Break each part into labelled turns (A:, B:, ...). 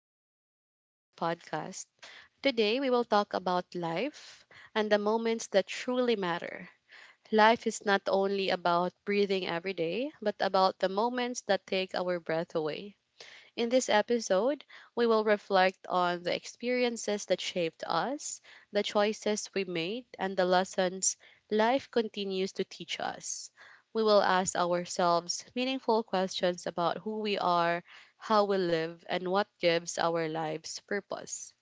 A: welcome back to our podcast. Today, we will talk about life and the moments that truly matter. Life is not only about breathing every day, but about the moments that take our breath away. In this episode, we will reflect on the experiences that shaped us, the choices we made, and the lessons life continues to teach us. We will ask ourselves meaningful questions about who we are, how we live, and what gives our lives purpose.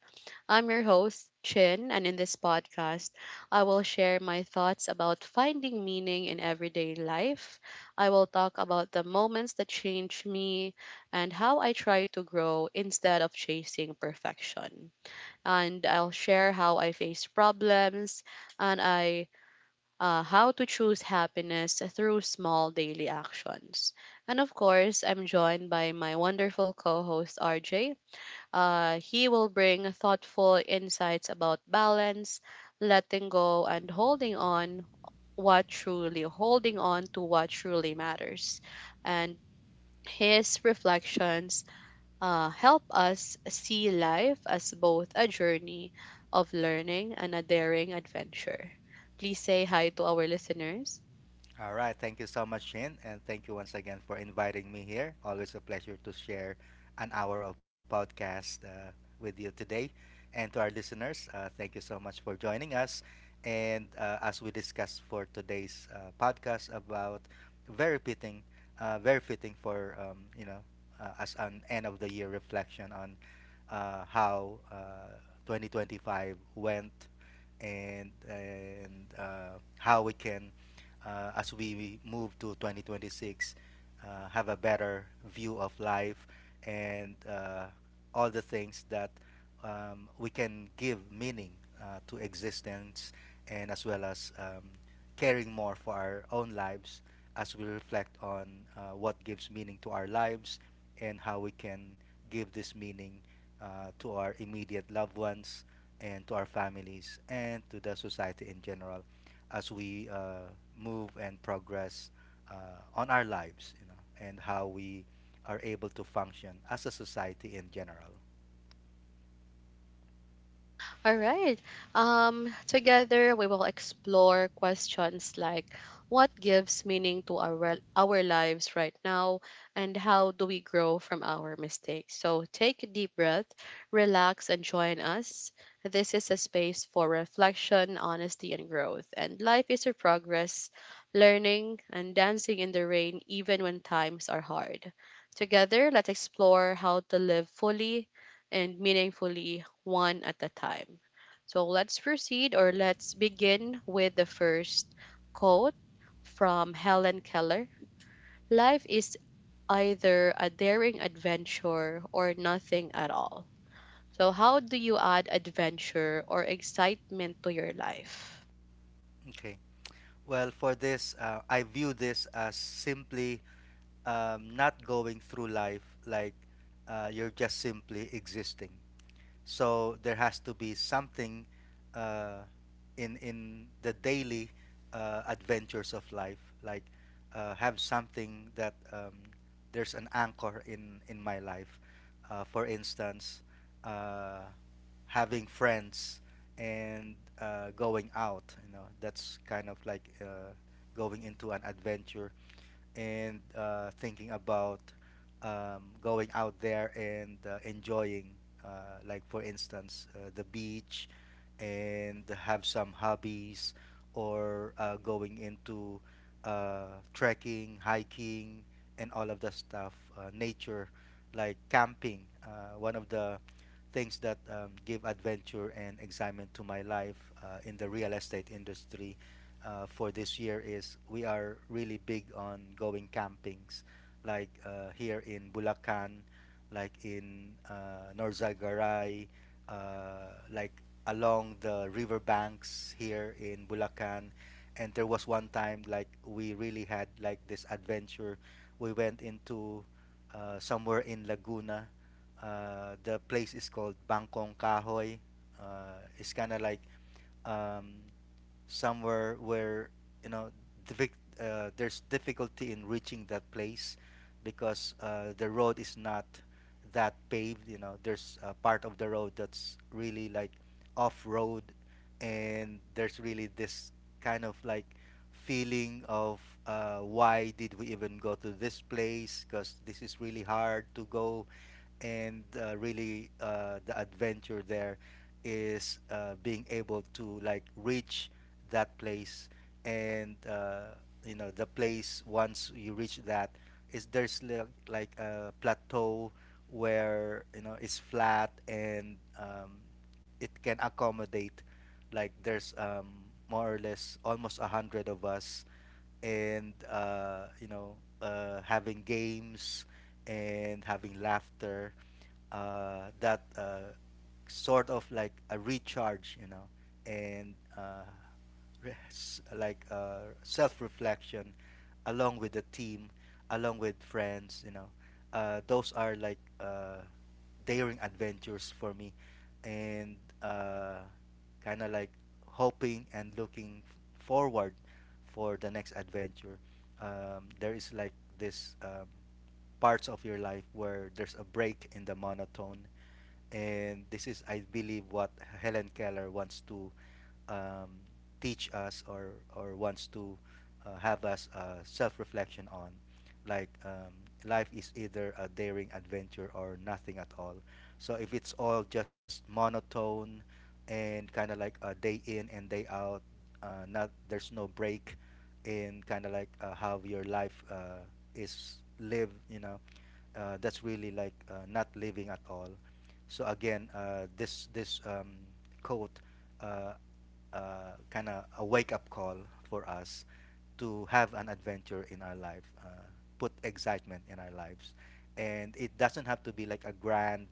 A: I'm your host, Chin, and in this podcast, I will share my thoughts about finding meaning in everyday life. I will talk about the moments that changed me and how I try to grow instead of chasing perfection. And I'll share how I face problems and I how to choose happiness through small daily actions. And of course, I'm joined by my wonderful co-host RJ. He will bring thoughtful insights about balance, letting go, and holding on to what truly matters. And his reflections help us see life as both a journey of learning and a daring adventure. Please say hi to our listeners.
B: All right. Thank you so much, Shin. And thank you once again for inviting me here. Always a pleasure to share an hour of podcast with you today. And to our listeners, thank you so much for joining us. And as we discussed for today's podcast about very fitting, very fitting for, as an end of the year reflection on how 2025 went and how we can as we move to 2026, have a better view of life, and all the things that we can give meaning to existence, and as well as caring more for our own lives as we reflect on what gives meaning to our lives and how we can give this meaning to our immediate loved ones and to our families and to the society in general as we move and progress uh, on our lives, you know, and how we are able to function as a society in general.
A: All right. Together we will explore questions like what gives meaning to our lives right now, and how do we grow from our mistakes. So take a deep breath, relax, and join us. This is a space for reflection, honesty, and growth. And life is a progress, learning, and dancing in the rain, even when times are hard. Together, let's explore how to live fully and meaningfully one at a time. So let's proceed or let's begin with the first quote from Helen Keller. Life is either a daring adventure or nothing at all. So, how do you add adventure or excitement to your life?
B: Okay. Well, for this, I view this as simply not going through life like you're just simply existing. So there has to be something uh, in the daily adventures of life, like have something that, there's an anchor in my life. For instance, uh, having friends and going out. You know, that's kind of like going into an adventure and thinking about going out there and enjoying, like for instance, the beach, and have some hobbies, or going into trekking, hiking, and all of the stuff, nature, like camping. One of the things that give adventure and excitement to my life in the real estate industry for this year is we are really big on going campings, like here in Bulacan, like in Norzagaray, like along the riverbanks here in Bulacan. And there was one time like we really had like this adventure. We went into somewhere in Laguna. The place is called Bangkong Kahoy. It's kind of like um, somewhere where, you know, there's difficulty in reaching that place because the road is not that paved, you know, there's a part of the road that's really like off road, and there's really this kind of like feeling of why did we even go to this place, because this is really hard to go, and really the adventure there is being able to like reach that place, and, you know, the place, once you reach that, is, there's like a plateau where, you know, it's flat, and it can accommodate, like there's more or less almost 100 of us, and, you know, having games and having laughter, that sort of like a recharge, you know, and self-reflection along with the team, along with friends, you know. Those are like daring adventures for me, and uh, kind of like hoping and looking forward for the next adventure. There is like this, parts of your life where there's a break in the monotone, and this is, I believe, what Helen Keller wants to um, teach us, or wants to have us self-reflection on, like, life is either a daring adventure or nothing at all. So if it's all just monotone and kind of like a day in and day out, not, there's no break in kind of like how your life is lived, you know, that's really like not living at all. So again, this quote uh, kind of a wake up call for us to have an adventure in our life, put excitement in our lives, and it doesn't have to be like a grand,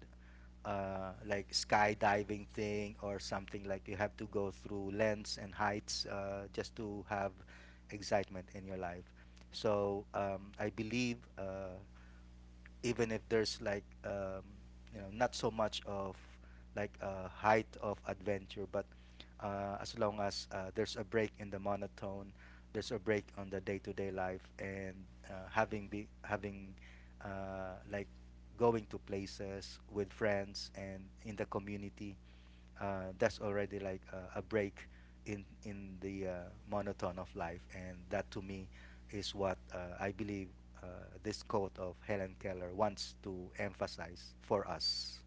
B: like skydiving thing, or something like you have to go through lengths and heights just to have excitement in your life. So I believe even if there's like, you know, not so much of like a height of adventure, but as long as there's a break in the monotone, there's a break on the day-to-day life, and having, like, going to places with friends and in the community, that's already like a break in the monotone of life, and that to me is what, I believe, this quote of Helen Keller wants to emphasize for us.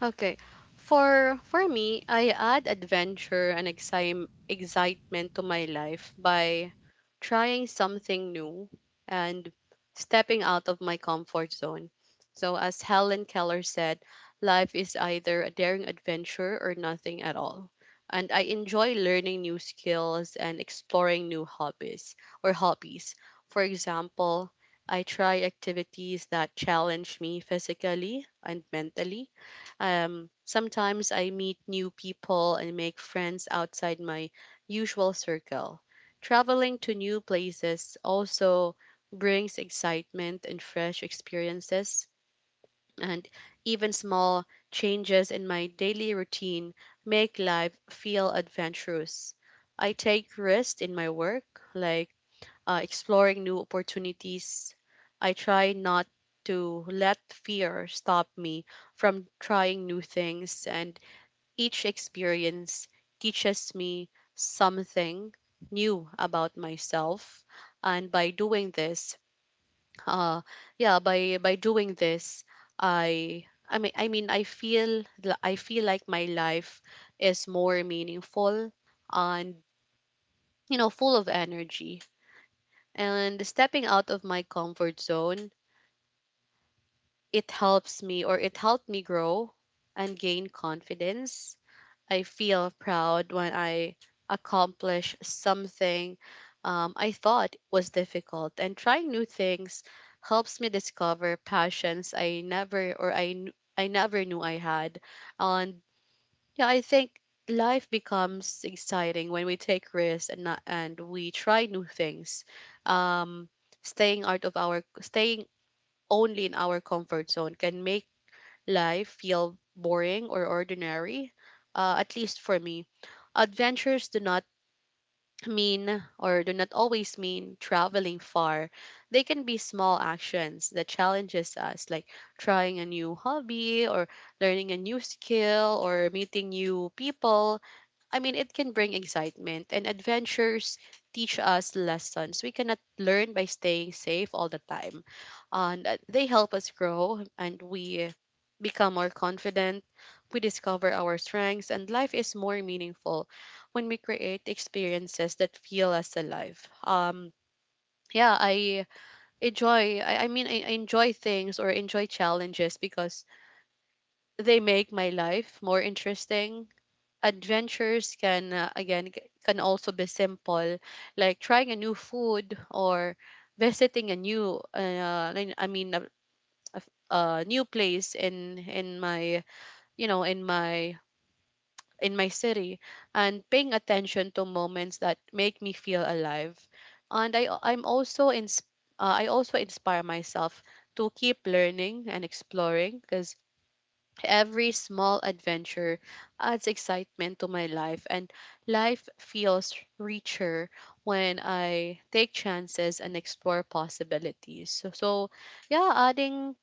A: Okay. For me, I add adventure and excitement to my life by trying something new and stepping out of my comfort zone. So as Helen Keller said, life is either a daring adventure or nothing at all. And I enjoy learning new skills and exploring new hobbies or hobbies. For example, I try activities that challenge me physically and mentally. Um, sometimes I meet new people and make friends outside my usual circle. Traveling to new places also brings excitement and fresh experiences, and even small changes in my daily routine make life feel adventurous. I take risks in my work, like exploring new opportunities. I try not to let fear stop me from trying new things, and each experience teaches me something new about myself. And uh, by doing this, I feel, I feel like my life is more meaningful and, you know, full of energy. And stepping out of my comfort zone, it helped me grow and gain confidence. I feel proud when I accomplish something I thought was difficult, and trying new things helps me discover passions I never knew I had. And yeah, I think life becomes exciting when we take risks and not, and we try new things. Um, Staying only in our comfort zone can make life feel boring or ordinary. At least for me, adventures do not always mean traveling far. They can be small actions that challenges us, like trying a new hobby or learning a new skill or meeting new people. I mean, it can bring excitement, and adventures teach us lessons we cannot learn by staying safe all the time. And they help us grow, and we become more confident. We discover our strengths, and life is more meaningful when we create experiences that feel us alive. Yeah, I enjoy. I mean, I enjoy things or enjoy challenges because they make my life more interesting. Adventures can can also be simple, like trying a new food or visiting a new a new place in my you know in my city, and paying attention to moments that make me feel alive. And I'm also in. I also inspire myself to keep learning and exploring, because every small adventure adds excitement to my life, and life feels richer when I take chances and explore possibilities. So yeah, adding,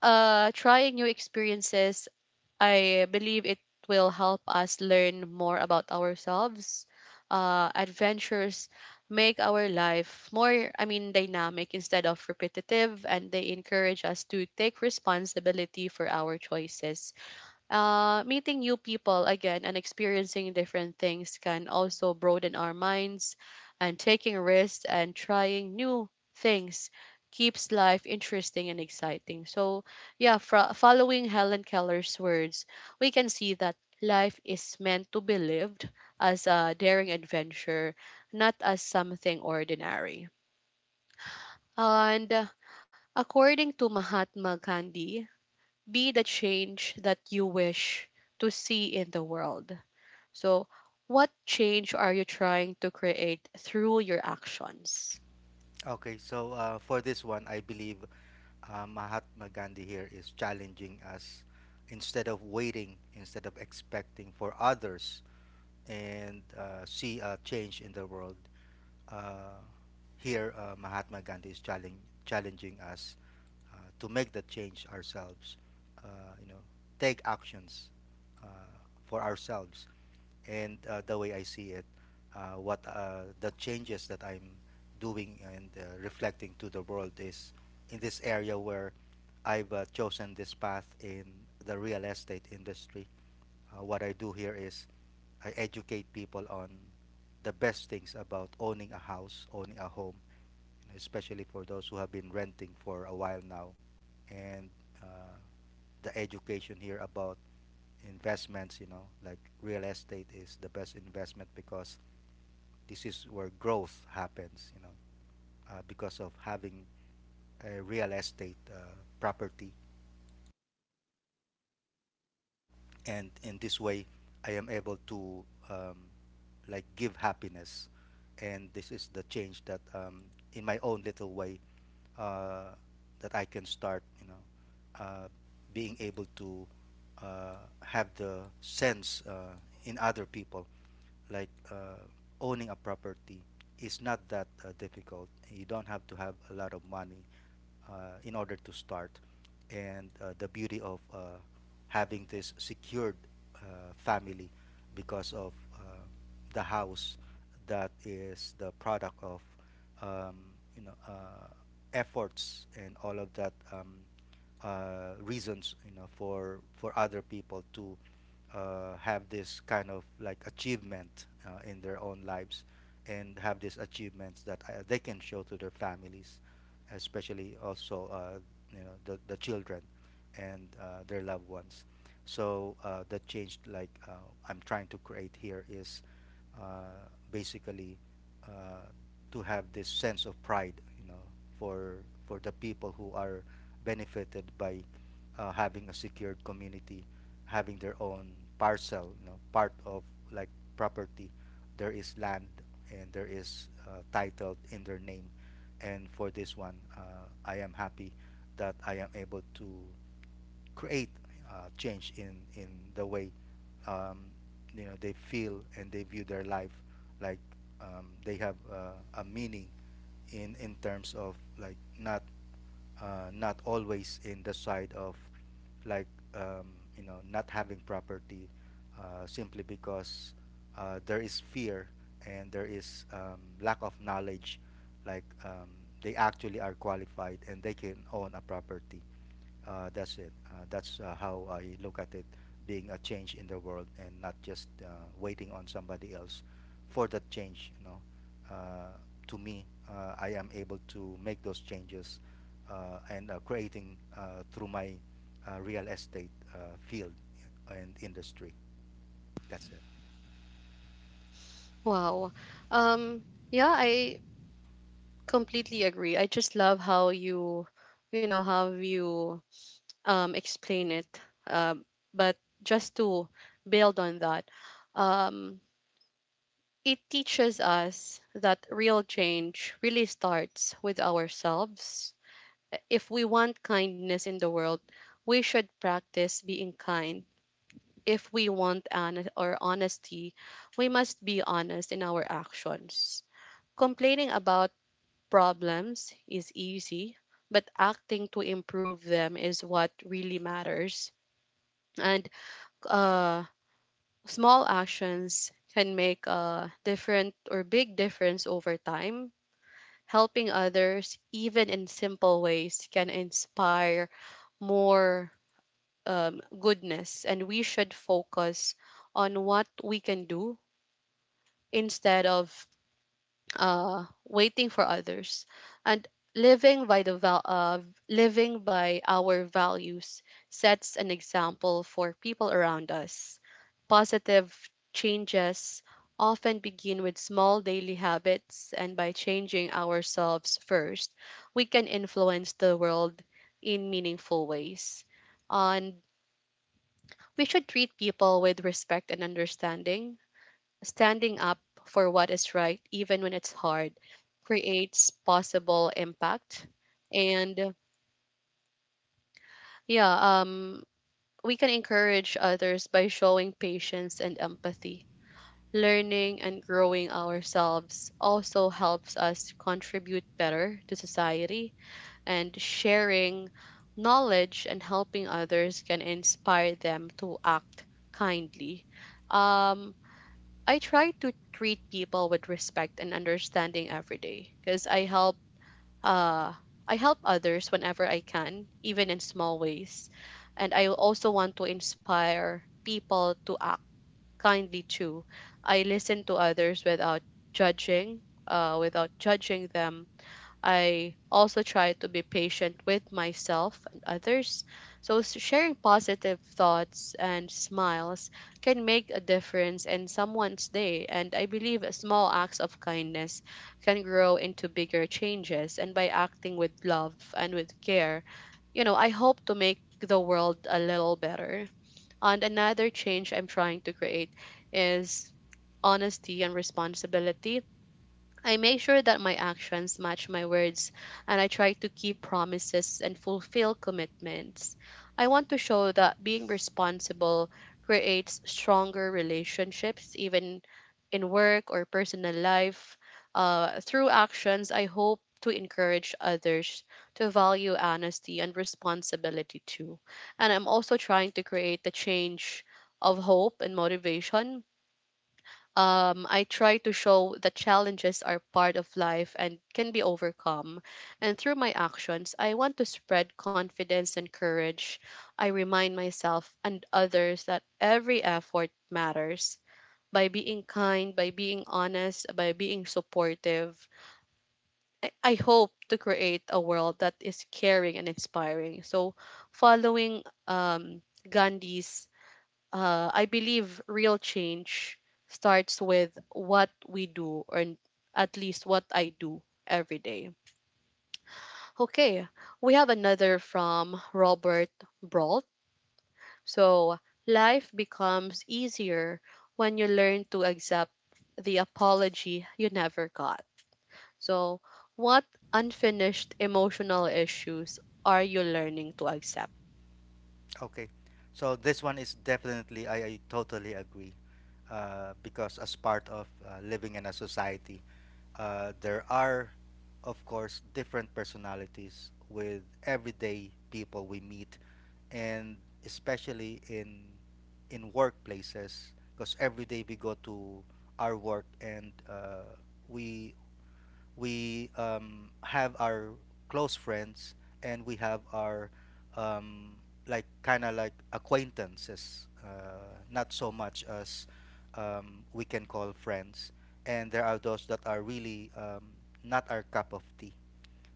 A: uh, trying new experiences, I believe it will help us learn more about ourselves. Adventures make our life more, I mean, dynamic instead of repetitive, and they encourage us to take responsibility for our choices. Meeting new people again and experiencing different things can also broaden our minds, and taking risks and trying new things keeps life interesting and exciting. So, yeah, following Helen Keller's words, we can see that life is meant to be lived as a daring adventure, not as something ordinary. And according to Mahatma Gandhi, be the change that you wish to see in the world. So, what change are you trying to create through your actions?
B: Okay, so for this one, I believe Mahatma Gandhi here is challenging us, instead of waiting, instead of expecting for others and see a change in the world, uh, here Mahatma Gandhi is challenging us to make the change ourselves. You know, take actions uh, for ourselves. And the way I see it, what the changes that I'm doing and reflecting to the world is in this area where I've chosen this path in the real estate industry. What I do here is I educate people on the best things about owning a house, owning a home, you know, especially for those who have been renting for a while now. And uh, the education here about investments, you know, like real estate is the best investment because this is where growth happens, you know, because of having a real estate property, and in this way I am able to um, like give happiness, and this is the change that, in my own little way, uh, that I can start, you know, uh, being able to uh, have the sense in other people, like owning a property is not that difficult, you don't have to have a lot of money in order to start. And the beauty of having this secured uh, family because of uh, the house that is the product of, um, you know, efforts and all of that, reasons, you know, for other people to have this kind of like achievement in their own lives, and have these achievements that they can show to their families, especially also, you know, the children, and their loved ones. So the change like I'm trying to create here is uh, basically uh, to have this sense of pride, you know, for for the people who are benefited by having a secured community, having their own parcel, you know, part of like property. There is land, and there is titled in their name. And for this one, I am happy that I am able to create change in the way um, you know they feel and they view their life, like they have a meaning in terms of like not, not always in the side of like, you know, not having property simply because there is fear and there is lack of knowledge, like they actually are qualified and they can own a property. That's it. That's how I look at it, being a change in the world and not just waiting on somebody else for that change. You know, uh, to me, I am able to make those changes, and creating through my real estate field and industry. That's it.
A: Wow. Um yeah, I completely agree. I just love how you explain it. Um, but just to build on that, um it teaches us that real change really starts with ourselves. If we want kindness in the world, we should practice being kind. If we want honesty, we must be honest in our actions. Complaining about problems is easy, but acting to improve them is what really matters. And uh, small actions can make a different or big difference over time. Helping others, even in simple ways, can inspire more goodness, and we should focus on what we can do instead of waiting for others. And living by the val- uh, living by our values sets an example for people around us. Positive changes often begin with small daily habits, and by changing ourselves first, we can influence the world in meaningful ways. And we should treat people with respect and understanding. Standing up for what is right, even when it's hard, creates possible impact. And yeah, we can encourage others by showing patience and empathy. Learning and growing ourselves also helps us contribute better to society, and sharing knowledge and helping others can inspire them to act kindly. Um, I try to treat people with respect and understanding every day because uh I help others whenever I can, even in small ways. And I also want to inspire people to act kindly too. I listen to others without without judging them. I also try to be patient with myself and others. So, sharing positive thoughts and smiles can make a difference in someone's day. And I believe small acts of kindness can grow into bigger changes. And by acting with love and with care, you know, I hope to make the world a little better. And another change I'm trying to create is honesty and responsibility. I make sure that my actions match my words, and I try to keep promises and fulfill commitments. I want to show that being responsible creates stronger relationships, even in work or personal life. Through actions, I hope to encourage others to value honesty and responsibility too. And I'm also trying to create the change of hope and motivation. I try to show that challenges are part of life and can be overcome. And through my actions, I want to spread confidence and courage. I remind myself and others that every effort matters. By being kind, by being honest, by being supportive, I hope to create a world that is caring and inspiring. So, following Gandhi's, I believe real change starts with what we do, at least what I do every day. Okay, we have another from Robert Brault. So, life becomes easier when you learn to accept the apology you never got. So, what unfinished emotional issues are you learning to accept?
B: Okay, so this one is definitely, I totally agree. Because as part of living in a society, there are, of course, different personalities with everyday people we meet, and especially in, workplaces, because every day we go to our work, and we we have our close friends, and we have our um, like kind of like acquaintances, not so much as we can call friends. And there are those that are really not our cup of tea.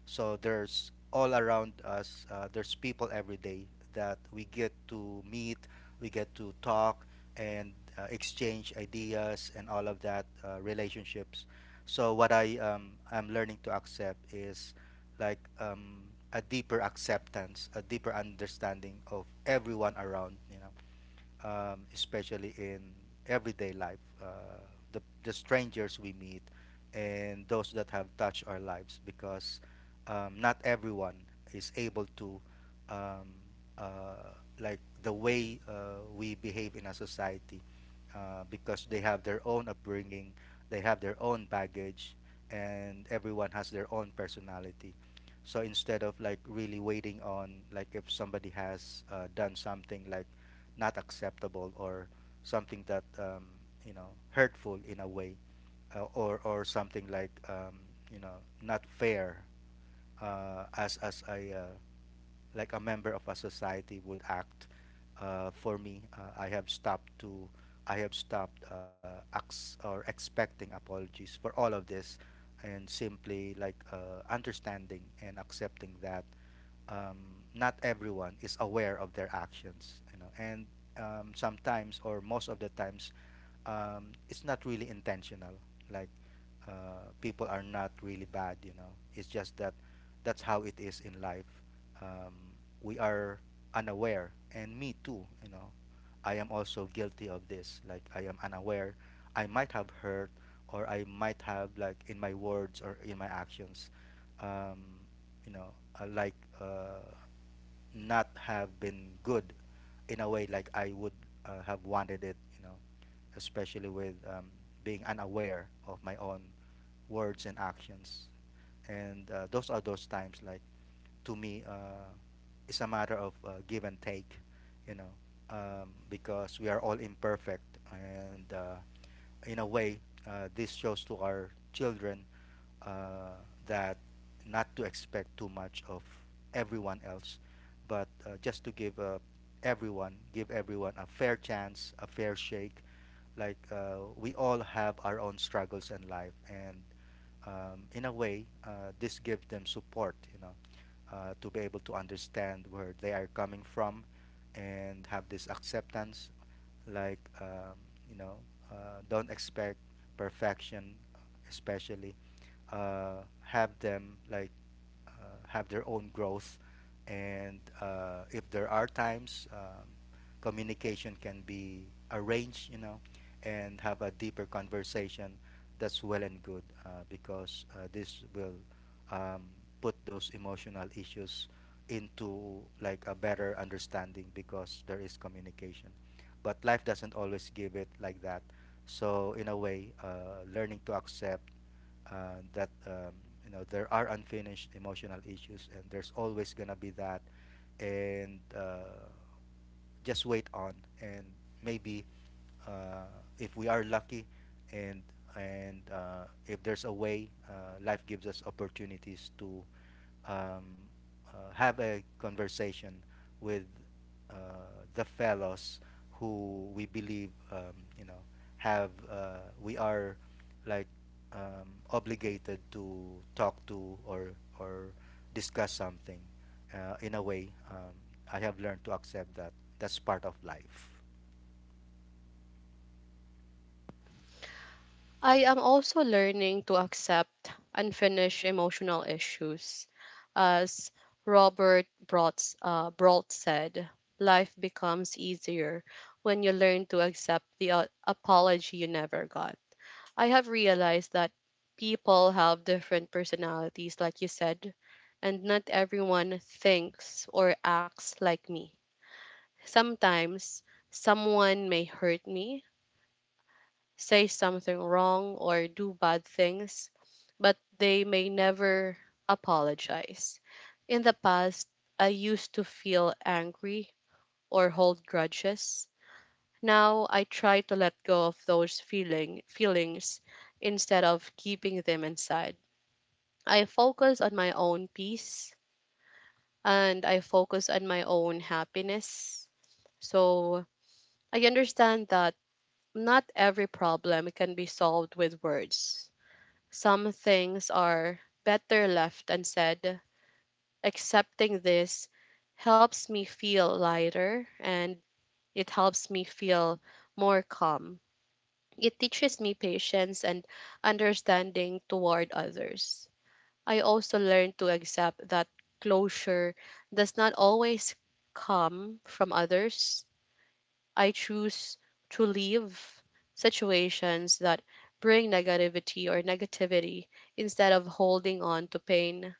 B: So there's all around us, there's people every day that we get to meet, we get to talk and exchange ideas and all of that, relationships. So what I'm learning to accept is like, a deeper acceptance, a deeper understanding of everyone around, you know, especially in everyday life, the strangers we meet, and those that have touched our lives, because not everyone is able to um, uh, like the way we behave in a society, because they have their own upbringing, they have their own baggage, and everyone has their own personality. So instead of like really waiting on like if somebody has done something like not acceptable or something that hurtful in a way, or something like you know not fair, as I, like a member of a society would act. For me, I have stopped ex- or expecting apologies for all of this, and simply like understanding and accepting that um, not everyone is aware of their actions, you know. And sometimes, or most of the times, it's not really intentional. Like People are not really bad, you know. It's just that that's how it is in life. Um, we are unaware, and me too, you know. I am also guilty of this. Like, I am unaware. I might have hurt, or I might have, like, in my words or in my actions, um, you know, uh, like uh, not have been good in a way like I would have wanted it, you know, especially with being unaware of my own words and actions. And those are those times, like, to me, it's a matter of give and take, you know, because we are all imperfect. And in a way, this shows to our children uh, that, not to expect too much of everyone else, but just to give, everyone, give everyone a fair chance, a fair shake. Like, we all have our own struggles in life, and in a way, this gives them support, you know, to be able to understand where they are coming from, and have this acceptance. Like, you know, don't expect perfection, especially. Have them, like, have their own growth. And if there are times, communication can be arranged, you know, and have a deeper conversation. That's well and good, because this will um, put those emotional issues into like a better understanding because there is communication. But life doesn't always give it like that. So in a way, learning to accept that, there are unfinished emotional issues and there's always gonna be that. And just wait on, and maybe, uh, if we are lucky, and and if there's a way, life gives us opportunities to um, have a conversation with uh, the fellows who we believe, you know have, we are, like, obligated to talk to, or discuss something. In a way, I have learned to accept that that's part of life.
A: I am also learning to accept unfinished emotional issues. As Brault said, life becomes easier when you learn to accept the apology you never got. I have realized that people have different personalities, like you said, and not everyone thinks or acts like me. Sometimes someone may hurt me, say something wrong or do bad things, but they may never apologize. In the past, I used to feel angry or hold grudges. Now I try to let go of those feelings instead of keeping them inside. I focus on my own peace, and I focus on my own happiness. So I understand that not every problem can be solved with words. Some things are better left unsaid. Accepting this helps me feel lighter, and it helps me feel more calm. It teaches me patience and understanding toward others. I also learned to accept that closure does not always come from others. I choose to leave situations that bring negativity or negativity instead of holding on to pain.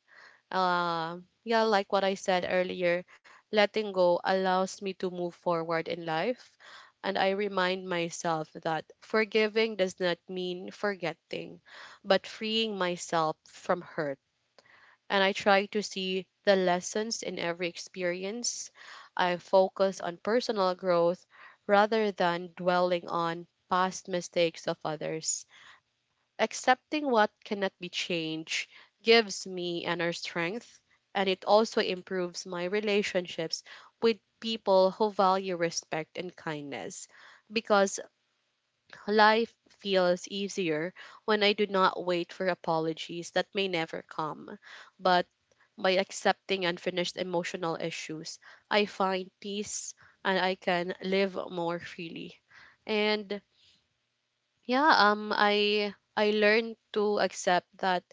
A: Uh, yeah, like what I said earlier, letting go allows me to move forward in life. And I remind myself that forgiving does not mean forgetting, but freeing myself from hurt, and I try to see the lessons in every experience. I focus on personal growth rather than dwelling on past mistakes of others. Accepting what cannot be changed gives me inner strength, and it also improves my relationships with people who value respect and kindness, because life feels easier when I do not wait for apologies that may never come. But by accepting unfinished emotional issues, I find peace and I can live more freely. And yeah, I learned to accept that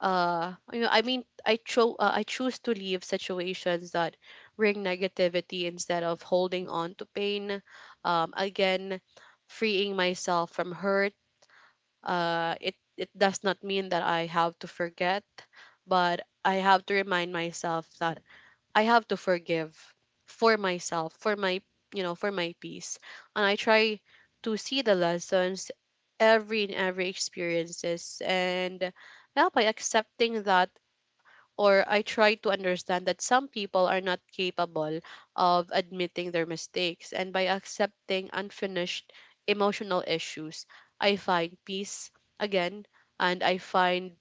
A: I choose to leave situations that bring negativity instead of holding on to pain. Again, freeing myself from hurt, it does not mean that I have to forget, but I have to remind myself that I have to forgive for myself, for my, for my peace. And I try to see the lessons every in every experiences. And yeah, by accepting that, or I try to understand that some people are not capable of admitting their mistakes. And by accepting unfinished emotional issues, I find peace again, and I find,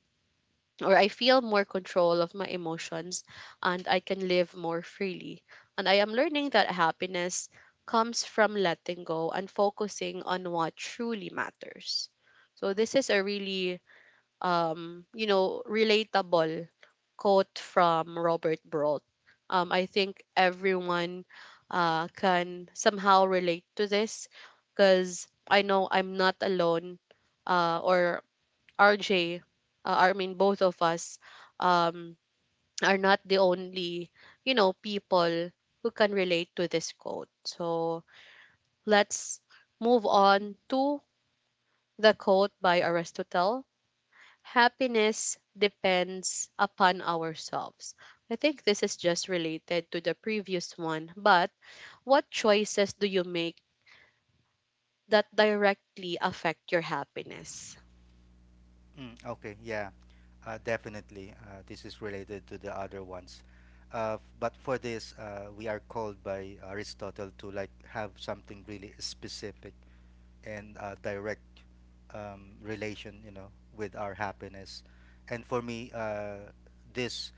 A: or I feel more control of my emotions, and I can live more freely. And I am learning that happiness comes from letting go and focusing on what truly matters. So this is a really, relatable quote from Robert Broth. I think everyone can somehow relate to this because I know I'm not alone, or RJ, both of us um, are not the only, people who can relate to this quote. So let's move on to the quote by Aristotle: happiness depends upon ourselves. I think this is just related to the previous one, but what choices do you make that directly affect your happiness?
B: Okay, yeah, definitely. This is related to the other ones. But for this, we are called by Aristotle to like have something really specific and direct relation, you know, with our happiness. And for me, this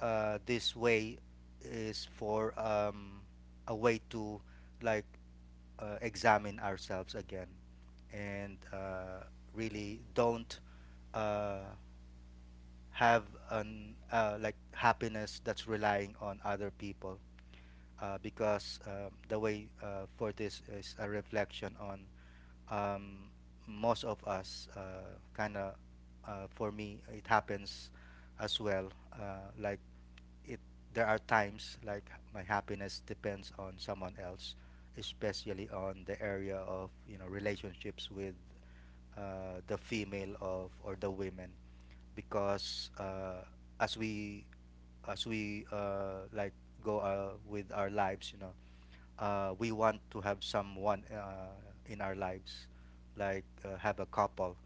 B: this way is for, a way to, like, examine ourselves again, and really don't uh, have an, like, happiness that's relying on other people, because the way, for this is a reflection on, um, most of us kind of, for me it happens as well, like, it there are times like my happiness depends on someone else, especially on the area of, you know, relationships with the female of, or the women, because as we as we like go with our lives, you know, we want to have someone in our lives, like, have a couple,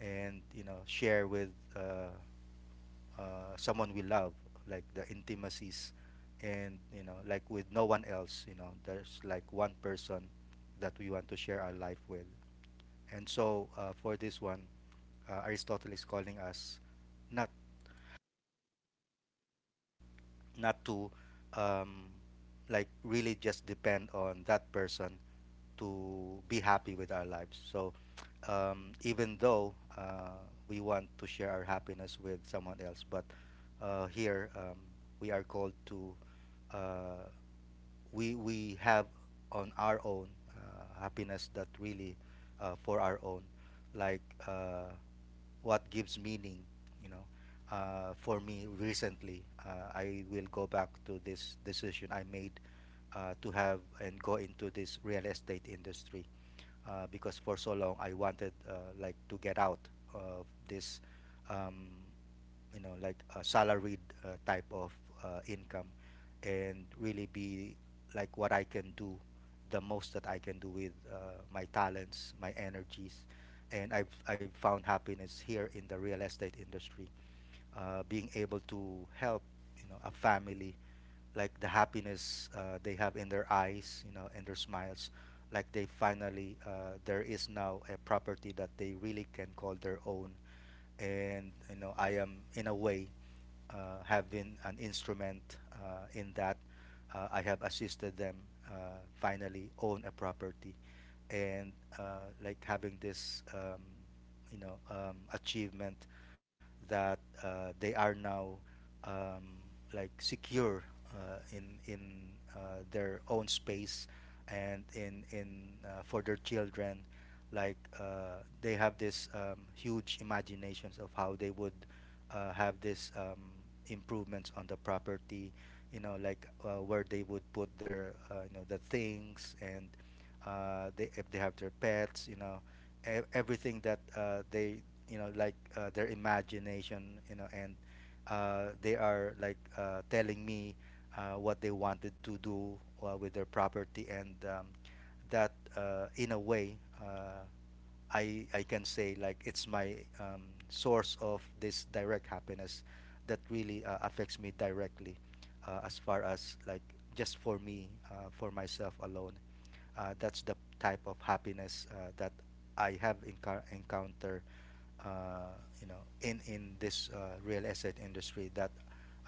B: and, you know, share with uh, someone we love, like the intimacies, and, you know, like with no one else, you know, there's like one person that we want to share our life with. And so, for this one, Aristotle is calling us, not not to, um, like, really just depend on that person to be happy with our lives. So, even though we want to share our happiness with someone else, but here, we are called to, uh, we have on our own happiness that really, for our own, like, uh, what gives meaning, you know. For me recently, I will go back to this decision I made, to have and go into this real estate industry, because for so long I wanted, like, to get out of this, um, you know, like a salaried type of income, and really be like what I can do, the most that I can do with my talents, my energies. And I've found happiness here in the real estate industry, being able to help, you know, a family. Like the happiness they have in their eyes, you know, and their smiles. Like they finally, there is now a property that they really can call their own, and, you know, I am in a way have been an instrument in that, I have assisted them uh, finally own a property, and like having this, achievement that, they are now, um, like, secure in their own space, and in for their children. Like, they have this, huge imaginations of how they would have this, improvements on the property, you know, like, where they would put their the things, and they, if they have their pets, you know, everything that, they, you know, like, their imagination, you know. And they are, like, telling me what they wanted to do with their property, and that, in a way, I can say like it's my, source of this direct happiness that really affects me directly, as far as like, just for me, for myself alone, that's the type of happiness that I have encounter, uh, in this real estate industry that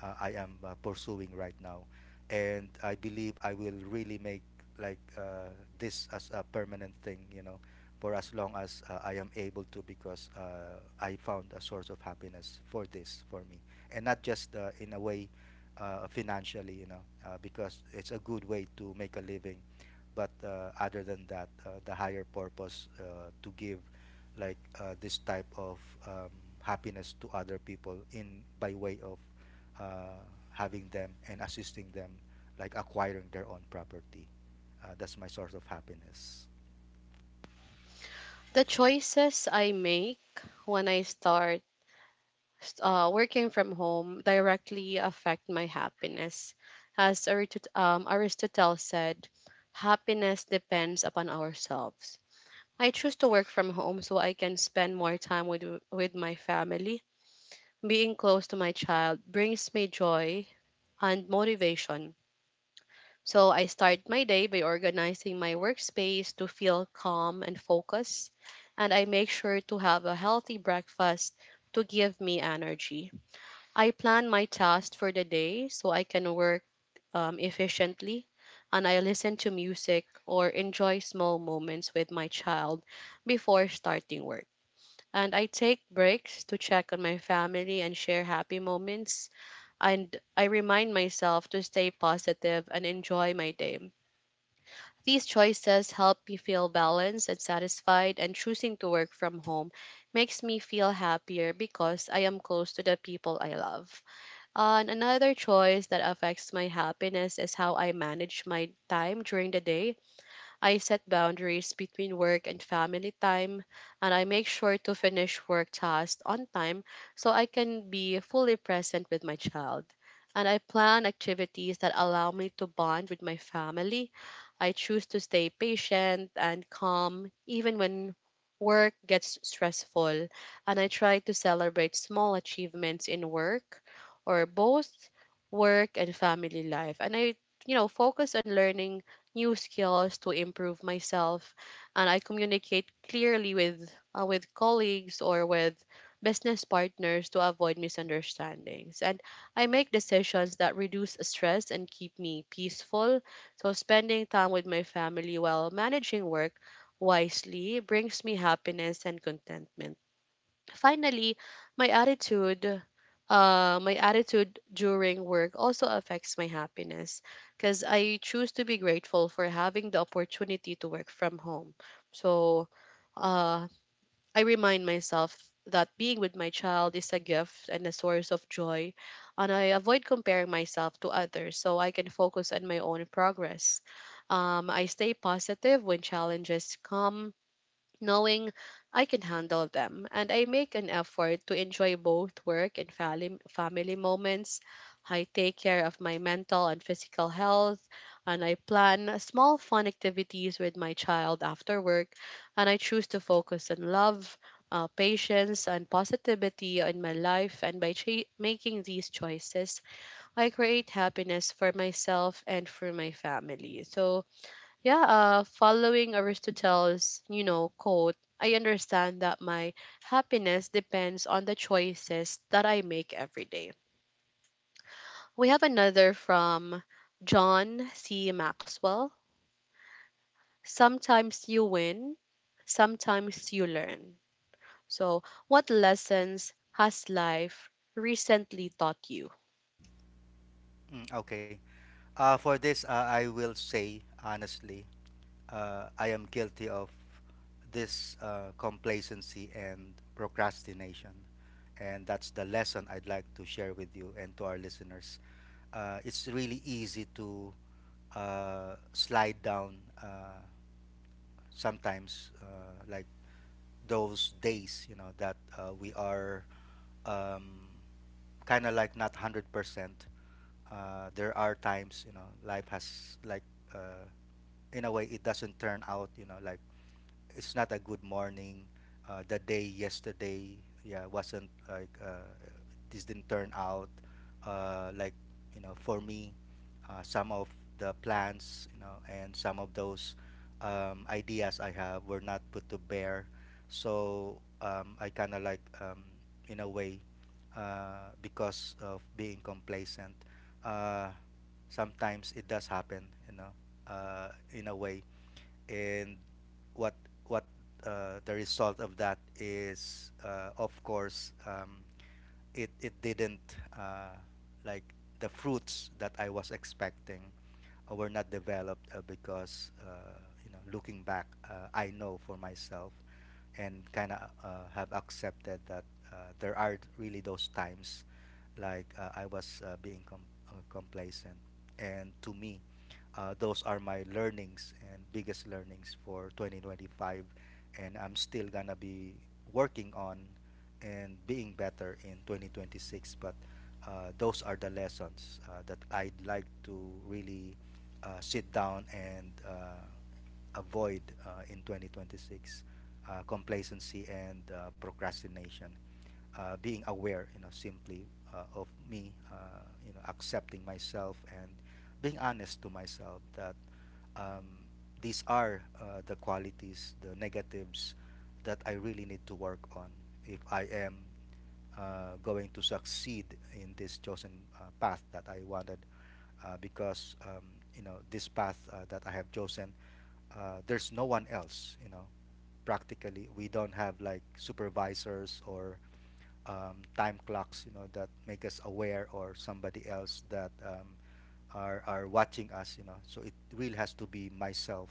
B: I am pursuing right now. And I believe I will really make, like, this as a permanent thing. You know, for as long as I am able to, because I found a source of happiness for this for me, and not just in a way, financially. You know, because it's a good way to make a living, but other than that, the higher purpose, to give, like, this type of, um, happiness to other people, in, by way of uh, having them and assisting them, like, acquiring their own property, that's my source of happiness.
A: The choices I make when I start working from home directly affect my happiness. As Aristotle said, happiness depends upon ourselves. I choose to work from home so I can spend more time with my family. Being close to my child brings me joy and motivation. So I start my day by organizing my workspace to feel calm and focused, and I make sure to have a healthy breakfast to give me energy. I plan my tasks for the day so I can work efficiently, and I listen to music or enjoy small moments with my child before starting work. And I take breaks to check on my family and share happy moments, and I remind myself to stay positive and enjoy my day. These choices help me feel balanced and satisfied, and choosing to work from home makes me feel happier because I am close to the people I love. And another choice that affects my happiness is how I manage my time during the day. I set boundaries between work and family time, and I make sure to finish work tasks on time so I can be fully present with my child. And I plan activities that allow me to bond with my family. I choose to stay patient and calm even when work gets stressful, and I try to celebrate small achievements in work, or both work and family life. And I, focus on learning new skills to improve myself, and I communicate clearly with, with colleagues or with business partners to avoid misunderstandings. And I make decisions that reduce stress and keep me peaceful. So spending time with my family while managing work wisely brings me happiness and contentment. Finally, my attitude, my attitude during work also affects my happiness because I choose to be grateful for having the opportunity to work from home. So, uh, I remind myself that being with my child is a gift and a source of joy, and I avoid comparing myself to others so I can focus on my own progress. I stay positive when challenges come, knowing I can handle them. And I make an effort to enjoy both work and family moments. I take care of my mental and physical health, and I plan small fun activities with my child after work. And I choose to focus on love, patience, and positivity in my life. And by making these choices, I create happiness for myself and for my family. So, yeah, following Aristotle's, quote, I understand that my happiness depends on the choices that I make every day. We have another from John C. Maxwell: sometimes you win, sometimes you learn. So, what lessons has life recently taught you?
B: Okay. For this, I will say honestly, I am guilty of this, complacency and procrastination. And that's the lesson I'd like to share with you and to our listeners. It's really easy to slide down uh, sometimes, like those days, you know, that we are, um, kind of like, not 100%. There are times, you know, life has like, uh, in a way, it doesn't turn out, you know, like, it's not a good morning. The day yesterday, yeah, wasn't like, this didn't turn out like, you know, for me. Some of the plans, you know, and some of those, ideas I have were not put to bear. So, I kind of like, in a way, because of being complacent. Uh, Sometimes it does happen, you know, in a way. And what what the result of that is, of course, it didn't like, the fruits that I was expecting were not developed, because, looking back, I know for myself, and kind of have accepted that there are really those times like, I was, being complacent. And to me, those are my learnings and biggest learnings for 2025. And I'm still going to be working on and being better in 2026. But those are the lessons that I'd like to really sit down and avoid in 2026, complacency and procrastination. Being aware, you know, simply of me, you know, accepting myself and being honest to myself that, um, these are the qualities, the negatives that I really need to work on if I am going to succeed in this chosen path that I wanted. Because you know this path that I have chosen, there's no one else, you know. Practically we don't have like supervisors or time clocks, you know, that make us aware, or somebody else that are watching us, you know. So it really has to be myself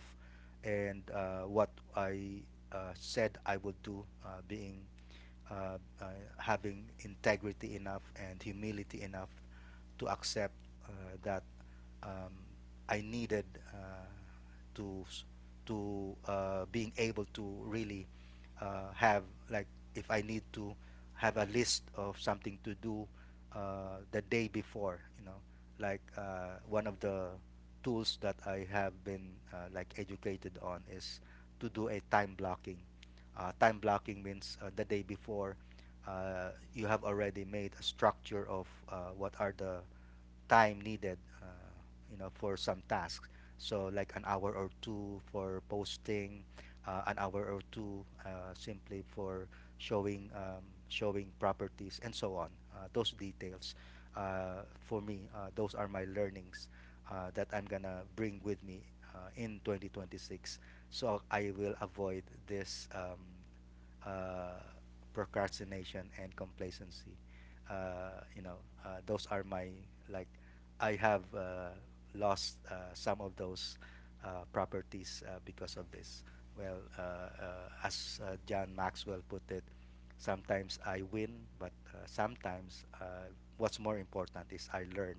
B: and what I said I would do, being uh, uh, having integrity enough and humility enough to accept that um, I needed uh, to being able to really have, like, if I need to have a list of something to do the day before, like one of the tools that I have been, like, educated on is to do a time blocking. Time blocking means the day before you have already made a structure of what are the time needed, for some tasks. So like an hour or two for posting, an hour or two simply for showing showing properties and so on. Those details, for me, those are my learnings that I'm gonna bring with me in 2026. So I will avoid this. Uh, Procrastination and complacency. Uh, you know, those are my, like, I have lost some of those properties because of this. Well, as John Maxwell put it, sometimes I win, but sometimes, what's more important is I learn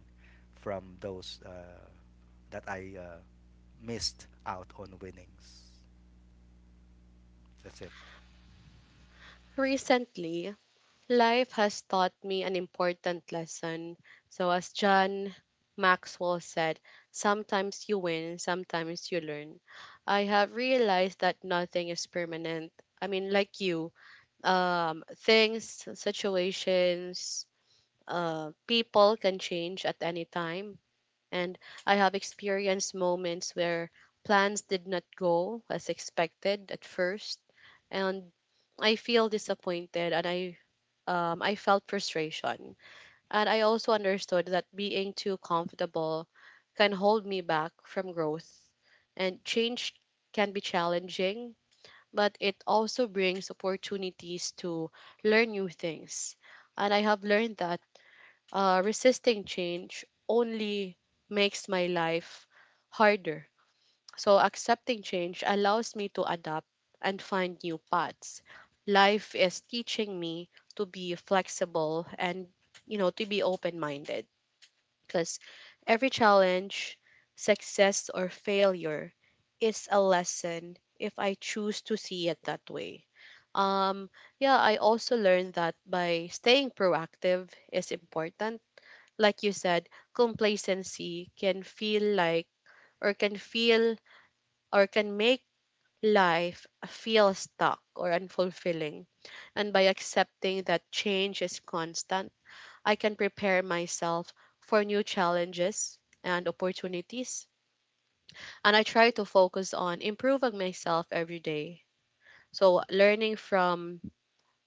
B: from those that I missed out on winnings. That's it.
A: Recently, life has taught me an important lesson. So, as John Maxwell said, sometimes you win, sometimes you learn. I have realized that nothing is permanent. I mean, like you, things, situations, people can change at any time. And I have experienced moments where plans did not go as expected at first. And I feel disappointed, and I felt frustration. And I also understood that being too comfortable can hold me back from growth. And change can be challenging, but it also brings opportunities to learn new things. And I have learned that resisting change only makes my life harder, so accepting change allows me to adapt and find new paths. Life is teaching me to be flexible and, to be open-minded, because every challenge, success or failure is a lesson if I choose to see it that way. Um yeah, I also learned that by staying proactive is important. Like you said, complacency can feel like, or can feel, or can make life feels stuck or unfulfilling. And by accepting that change is constant, I can prepare myself for new challenges and opportunities. And I try to focus on improving myself every day. So, learning from,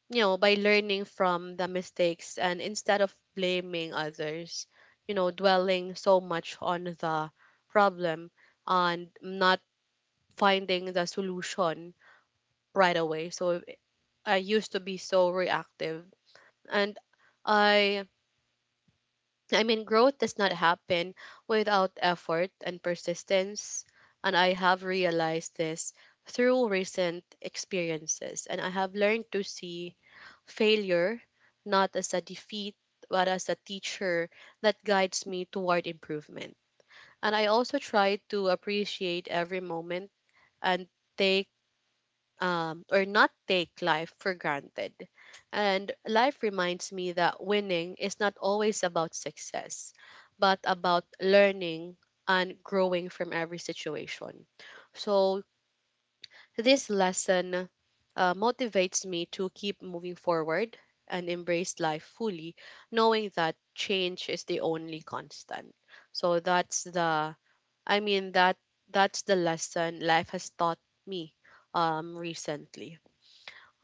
A: by learning from the mistakes and instead of blaming others, dwelling so much on the problem and not finding the solution right away. So I used to be so reactive, and I I mean growth does not happen without effort and persistence, and I have realized this through recent experiences, and I have learned to see failure not as a defeat but as a teacher that guides me toward improvement, and I also try to appreciate every moment and take, or not take life for granted. And life reminds me that winning is not always about success, but about learning and growing from every situation. So, this lesson motivates me to keep moving forward and embrace life fully, knowing that change is the only constant. So, that's the, I mean, that's the lesson life has taught me recently.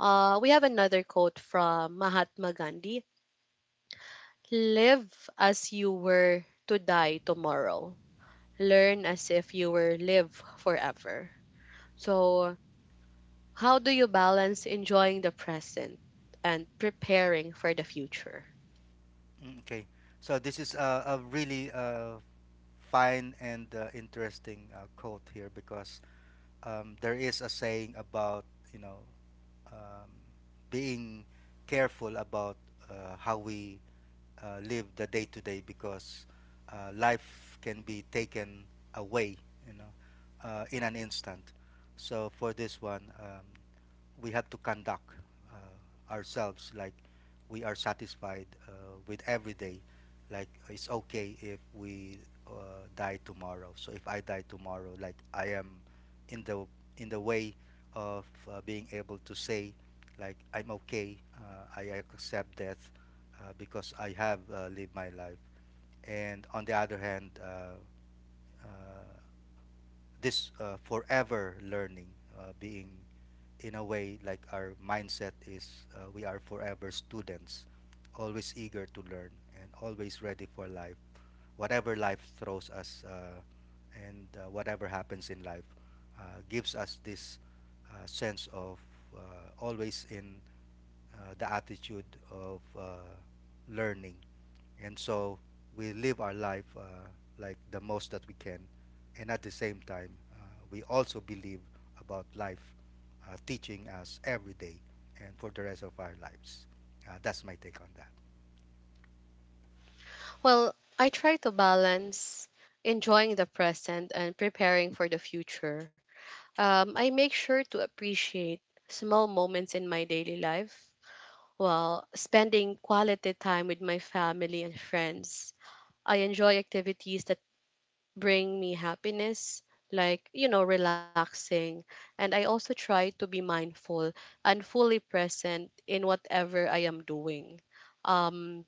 A: We have another quote from Mahatma Gandhi: live as you were to die tomorrow, learn as if you were live forever. So, how do you balance enjoying the present and preparing for the future?
B: Mm. Okay, so this is a really fine and interesting quote here, because there is a saying about, you know, um, being careful about how we live the day to day, because life can be taken away, you know, in an instant. So for this one, we have to conduct ourselves like we are satisfied with every day. Like it's okay if we uh, die tomorrow. So if I die tomorrow, like I am in the in the way of being able to say, like, I'm okay. I accept death because I have lived my life. And on the other hand, uh, this forever learning, being in a way like our mindset is, we are forever students, always eager to learn and always ready for life, whatever life throws us, and whatever happens in life uh, gives us this sense of always in the attitude of learning. And so we live our life like the most that we can. And at the same time, we also believe about life teaching us every day and for the rest of our lives. That's my take on that.
A: Well, I try to balance enjoying the present and preparing for the future. I make sure to appreciate small moments in my daily life, well, spending quality time with my family and friends. I enjoy activities that bring me happiness, like, relaxing. And I also try to be mindful and fully present in whatever I am doing. Um,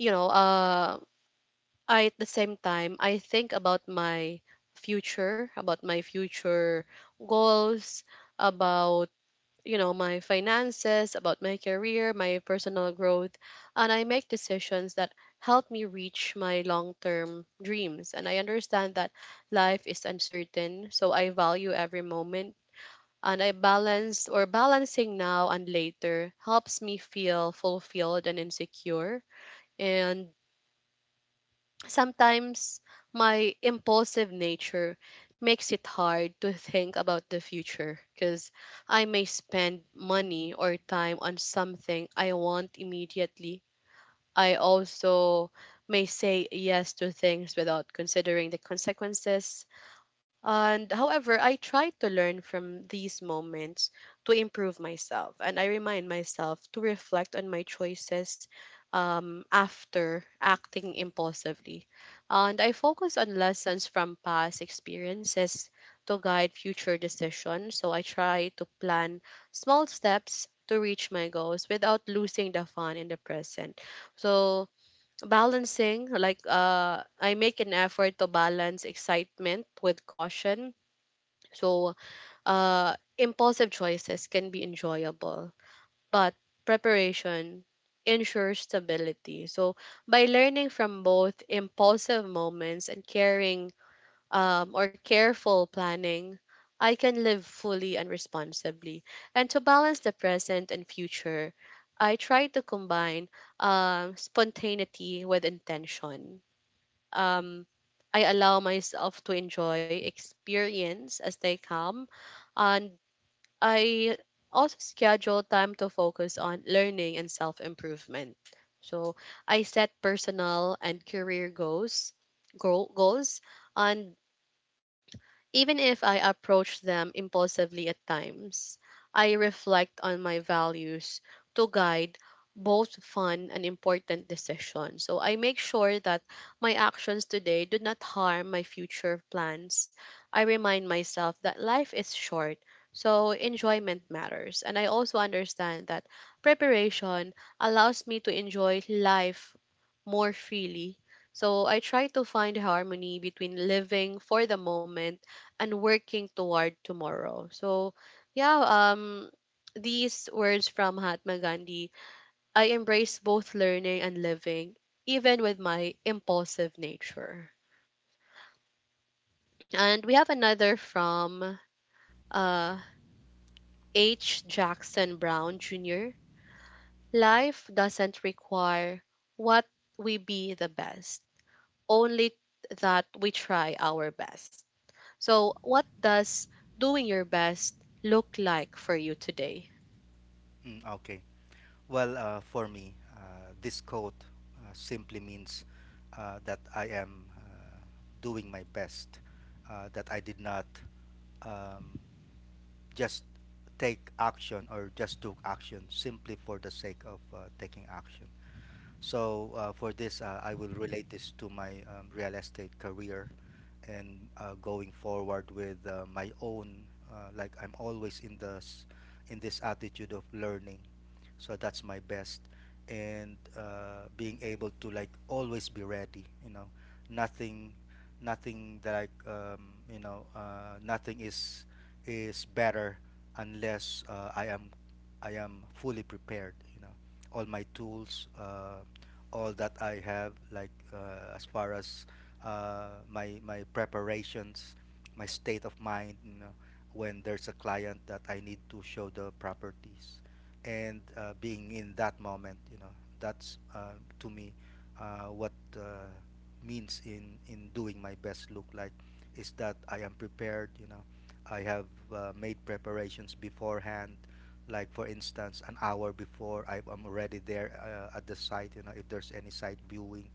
A: you know, uh, I, at the same time, I think about my future goals, about, my finances, about my career, my personal growth, and I make decisions that help me reach my long-term dreams. And I understand that life is uncertain, so I value every moment. And I balance, or balancing now and later helps me feel fulfilled and insecure. And sometimes my impulsive nature makes it hard to think about the future because I may spend money or time on something I want immediately. I also may say yes to things without considering the consequences, and however, I try to learn from these moments to improve myself. And I remind myself to reflect on my choices after acting impulsively. And I focus on lessons from past experiences to guide future decisions. So I try to plan small steps to reach my goals without losing the fun in the present. So balancing, like I make an effort to balance excitement with caution, so, impulsive choices can be enjoyable, but preparation ensures stability. So, by learning from both impulsive moments and caring or careful planning, I can live fully and responsibly. And to balance the present and future, I try to combine spontaneity with intention. Um, I allow myself to enjoy experience as they come and I also schedule time to focus on learning and self improvement. So I set personal and career goals, goals, and even if I approach them impulsively at times, I reflect on my values to guide both fun and important decisions. So I make sure that my actions today do not harm my future plans. I remind myself that life is short, so enjoyment matters. And I also understand that preparation allows me to enjoy life more freely. So I try to find harmony between living for the moment and working toward tomorrow. So, yeah, um, these words from Mahatma Gandhi, I embrace both learning and living, even with my impulsive nature. And we have another from uh, H. Jackson Brown Jr. Life doesn't require what we be the best, only that we try our best. So, what does doing your best look like for you today?
B: Mm, okay. Well, for me, this quote simply means that I am doing my best, that I did not um, just take action or just took action simply for the sake of taking action. So, for this, I will relate this to my real estate career and going forward with my own. Like, I'm always in this attitude of learning, so that's my best. And being able to, like, always be ready, you know. Nothing nothing that I, nothing is is better unless I am fully prepared, you know. All my tools, all that I have, like, as far as my preparations, my state of mind, you know, when there's a client that I need to show the properties, and being in that moment, you know, that's to me what means in doing my best look like, is that I am prepared, you know. I have made preparations beforehand, like for instance an hour before I am already there at the site, you know, if there's any site viewing.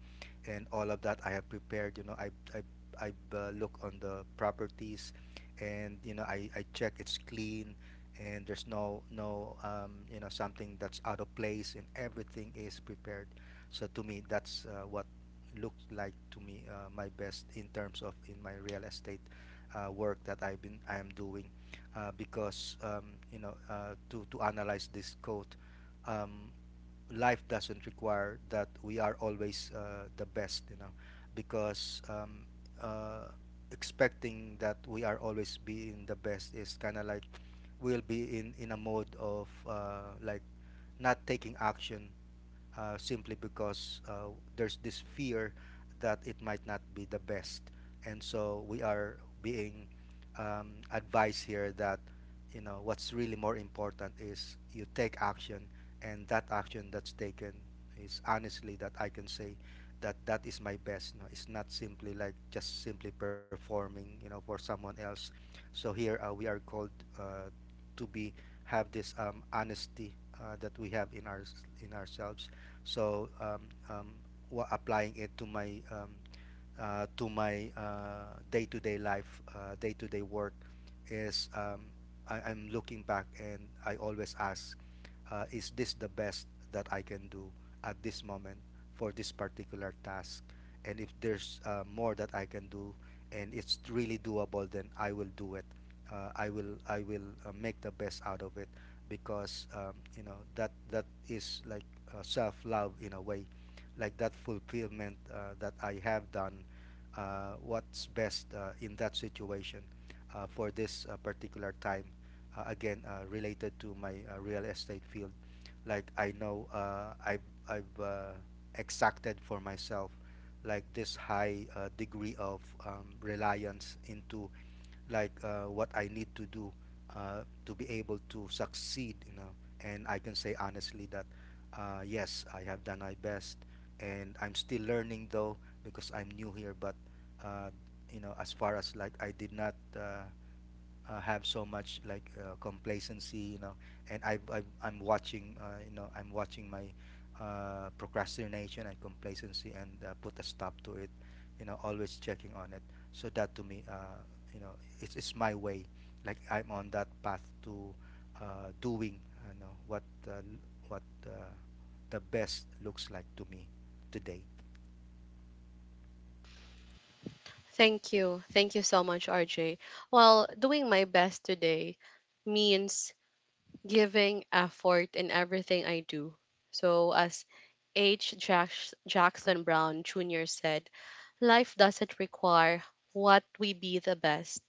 B: And all of that I have prepared, you know. I look on the properties, and you know, I check it's clean and there's no, you know, something that's out of place, and everything is prepared. So to me, that's what looked like to me, my best in terms of in my real estate work that I am doing, because, to analyze this code, um, life doesn't require that we are always the best, you know, because uh, expecting that we are always being the best is kind of like, will be in a mode of like not taking action simply because there's this fear that it might not be the best. And so we are being advised here that, you know, what's really more important is you take action, and that action that's taken is honestly that I can say that that is my best. No, it's not simply like, just simply performing, you know, for someone else. So here we are called uh, to be, have this honesty that we have in our in ourselves. So um, applying it to my day-to-day -day life, day-to-day day-to-day work is, I'm looking back and I always ask, is this the best that I can do at this moment for this particular task? And if there's more that I can do and it's really doable, then I will do it. I will make the best out of it, because, you know, that that is like self love in a way, like that fulfillment that I have done what's best in that situation for this particular time, again related to my real estate field. Like, I know, I've exacted for myself, like, this high degree of reliance into, like, what I need to do to be able to succeed, you know. And I can say honestly that, yes, I have done my best, and I'm still learning though, because I'm new here. But uh, you know, as far as, like, I did not have so much, like, complacency, you know. And I'm watching, you know, I'm watching my procrastination and complacency and put a stop to it, you know. Always checking on it. So that, to me, you know, it's my way. Like, I'm on that path to doing, you know, what the best looks like to me today.
A: Thank you. Thank you so much, RJ. Well, doing my best today means giving effort in everything I do. So, as Jackson Brown Jr. said, life doesn't require what we be the best,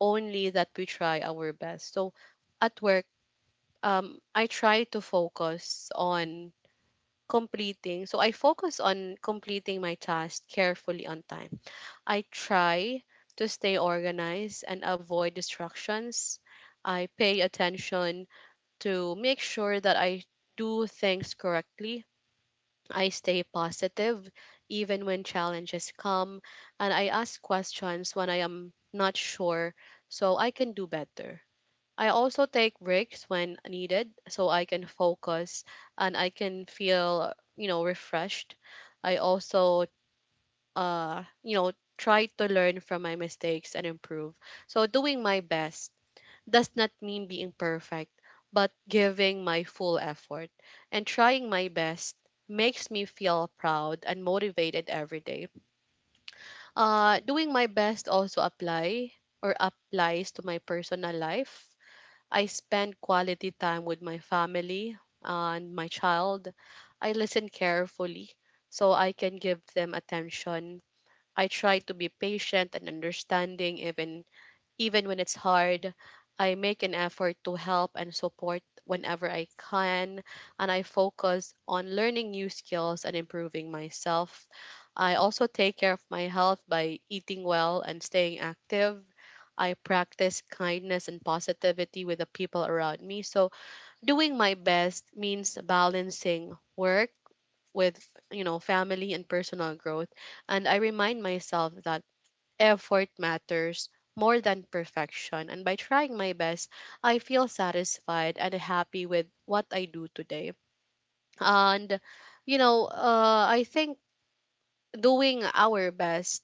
A: only that we try our best. So, at work, I try to focus on completing. So, I focus on completing my task carefully on time. I try to stay organized and avoid distractions. I pay attention to make sure that I do things correctly. I stay positive even when challenges come, and I ask questions when I am not sure so I can do better. I also take breaks when needed so I can focus and I can feel, you know, refreshed. I also you know, try to learn from my mistakes and improve. So doing my best does not mean being perfect, but giving my full effort and trying my best makes me feel proud and motivated every day. Doing my best also apply or applies to my personal life. I spend quality time with my family and my child. I listen carefully so I can give them attention. I try to be patient and understanding even when it's hard. I make an effort to help and support whenever I can, and I focus on learning new skills and improving myself. I also take care of my health by eating well and staying active. I practice kindness and positivity with the people around me. So, doing my best means balancing work with, you know, family and personal growth. And I remind myself that effort matters more than perfection. And by trying my best, I feel satisfied and happy with what I do today. And, you know, I think doing our best,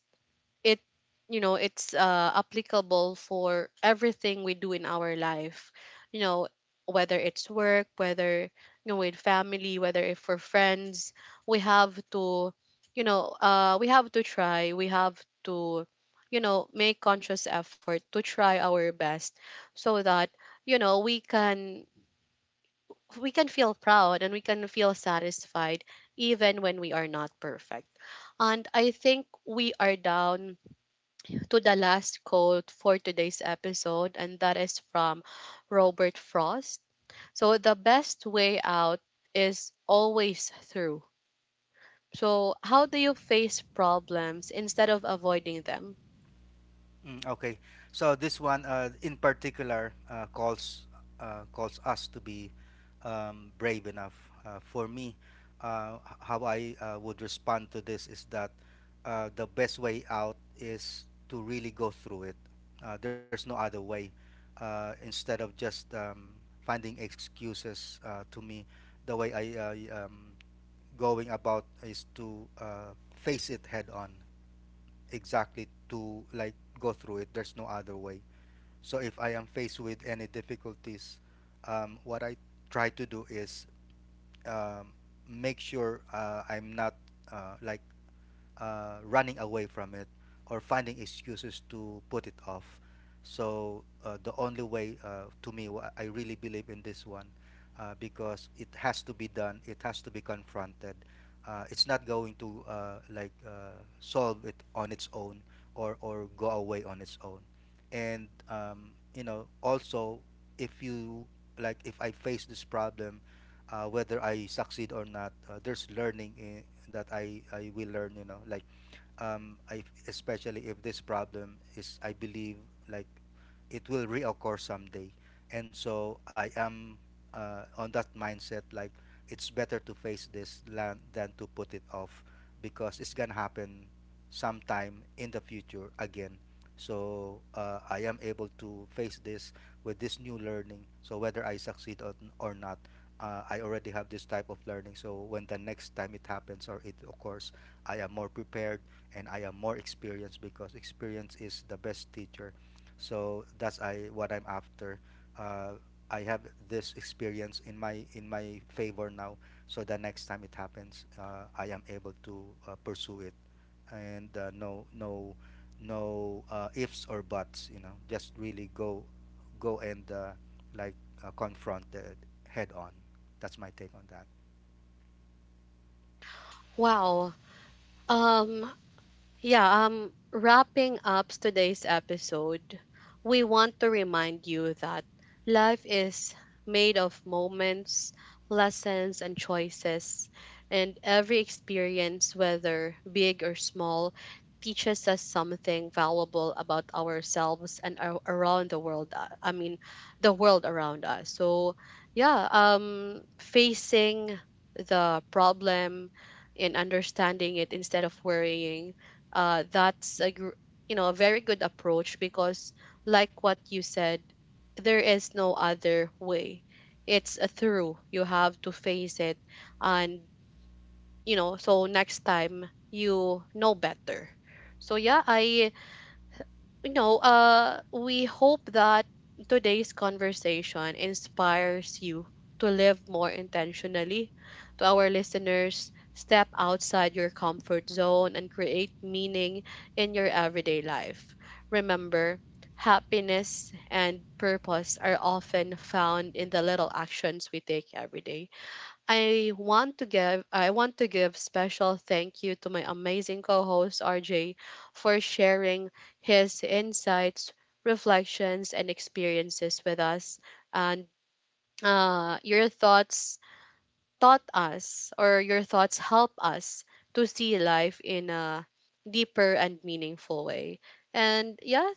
A: it, you know, it's applicable for everything we do in our life, you know, whether it's work, whether, you know, with family, whether if for friends, we have to, you know, we have to try, we have to, you know, make conscious effort to try our best, so that, you know, we can, we can feel proud and we can feel satisfied even when we are not perfect. And I think we are down to the last quote for today's episode, and that is from Robert Frost. So, the best way out is always through. So, how do you face problems instead of avoiding them?
B: Mm, okay. So this one in particular calls us to be brave enough. For me, how I would respond to this is that the best way out is to really go through it. There's no other way. Instead of just finding excuses, to me, the way I, going about, is to face it head on. Exactly, to, like, go through it. There's no other way. So if I am faced with any difficulties, what I try to do is, um, make sure I'm not like running away from it or finding excuses to put it off. So the only way, to me, I really believe in this one because it has to be done. It has to be confronted. It's not going to like solve it on its own or go away on its own. And, you know, also if you, like, if I face this problem, whether I succeed or not, there's learning in, that I will learn. You know, like especially if this problem is, I believe, like, it will reoccur someday. And so I am on that mindset, like, it's better to face this than to put it off, because it's gonna happen sometime in the future again. So I am able to face this with this new learning. So whether I succeed or not, I already have this type of learning. So when the next time it happens or it occurs, I am more prepared and I am more experienced because experience is the best teacher. So that's I what I'm after. Uh, I have this experience in my favor now, so the next time it happens, I am able to pursue it, and no no no ifs or buts. You know, just really go, go and like, confront it head on. That's my take on that.
A: Wow. Um, Yeah, wrapping up today's episode, we want to remind you that life is made of moments, lessons, and choices, and every experience, whether big or small, teaches us something valuable about ourselves and ar- around the world. I mean, the world around us. So, yeah, facing the problem and understanding it instead of worrying, that's a you know, a very good approach, because like what you said, there is no other way, it's a through, you have to face it, and, you know, so next time you know better. So yeah, I you know, we hope that today's conversation inspires you to live more intentionally. To our listeners, step outside your comfort zone and create meaning in your everyday life. Remember, happiness and purpose are often found in the little actions we take every day. I want to give special thank you to my amazing co-host RJ for sharing his insights, reflections and experiences with us, and your thoughts taught us or your thoughts help us to see life in a deeper and meaningful way. And yeah,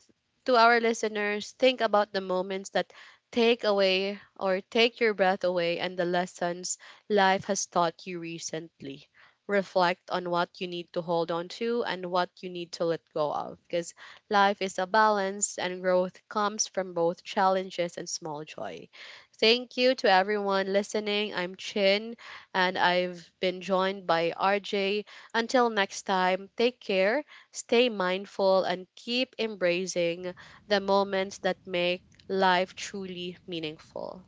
A: to our listeners, think about the moments that take your breath away and the lessons life has taught you recently. Reflect on what you need to hold on to and what you need to let go of, because life is a balance and growth comes from both challenges and small joys. Thank you to everyone listening. I'm Chin, and I've been joined by RJ. Until next time, take care, stay mindful, and keep embracing the moments that make life truly meaningful.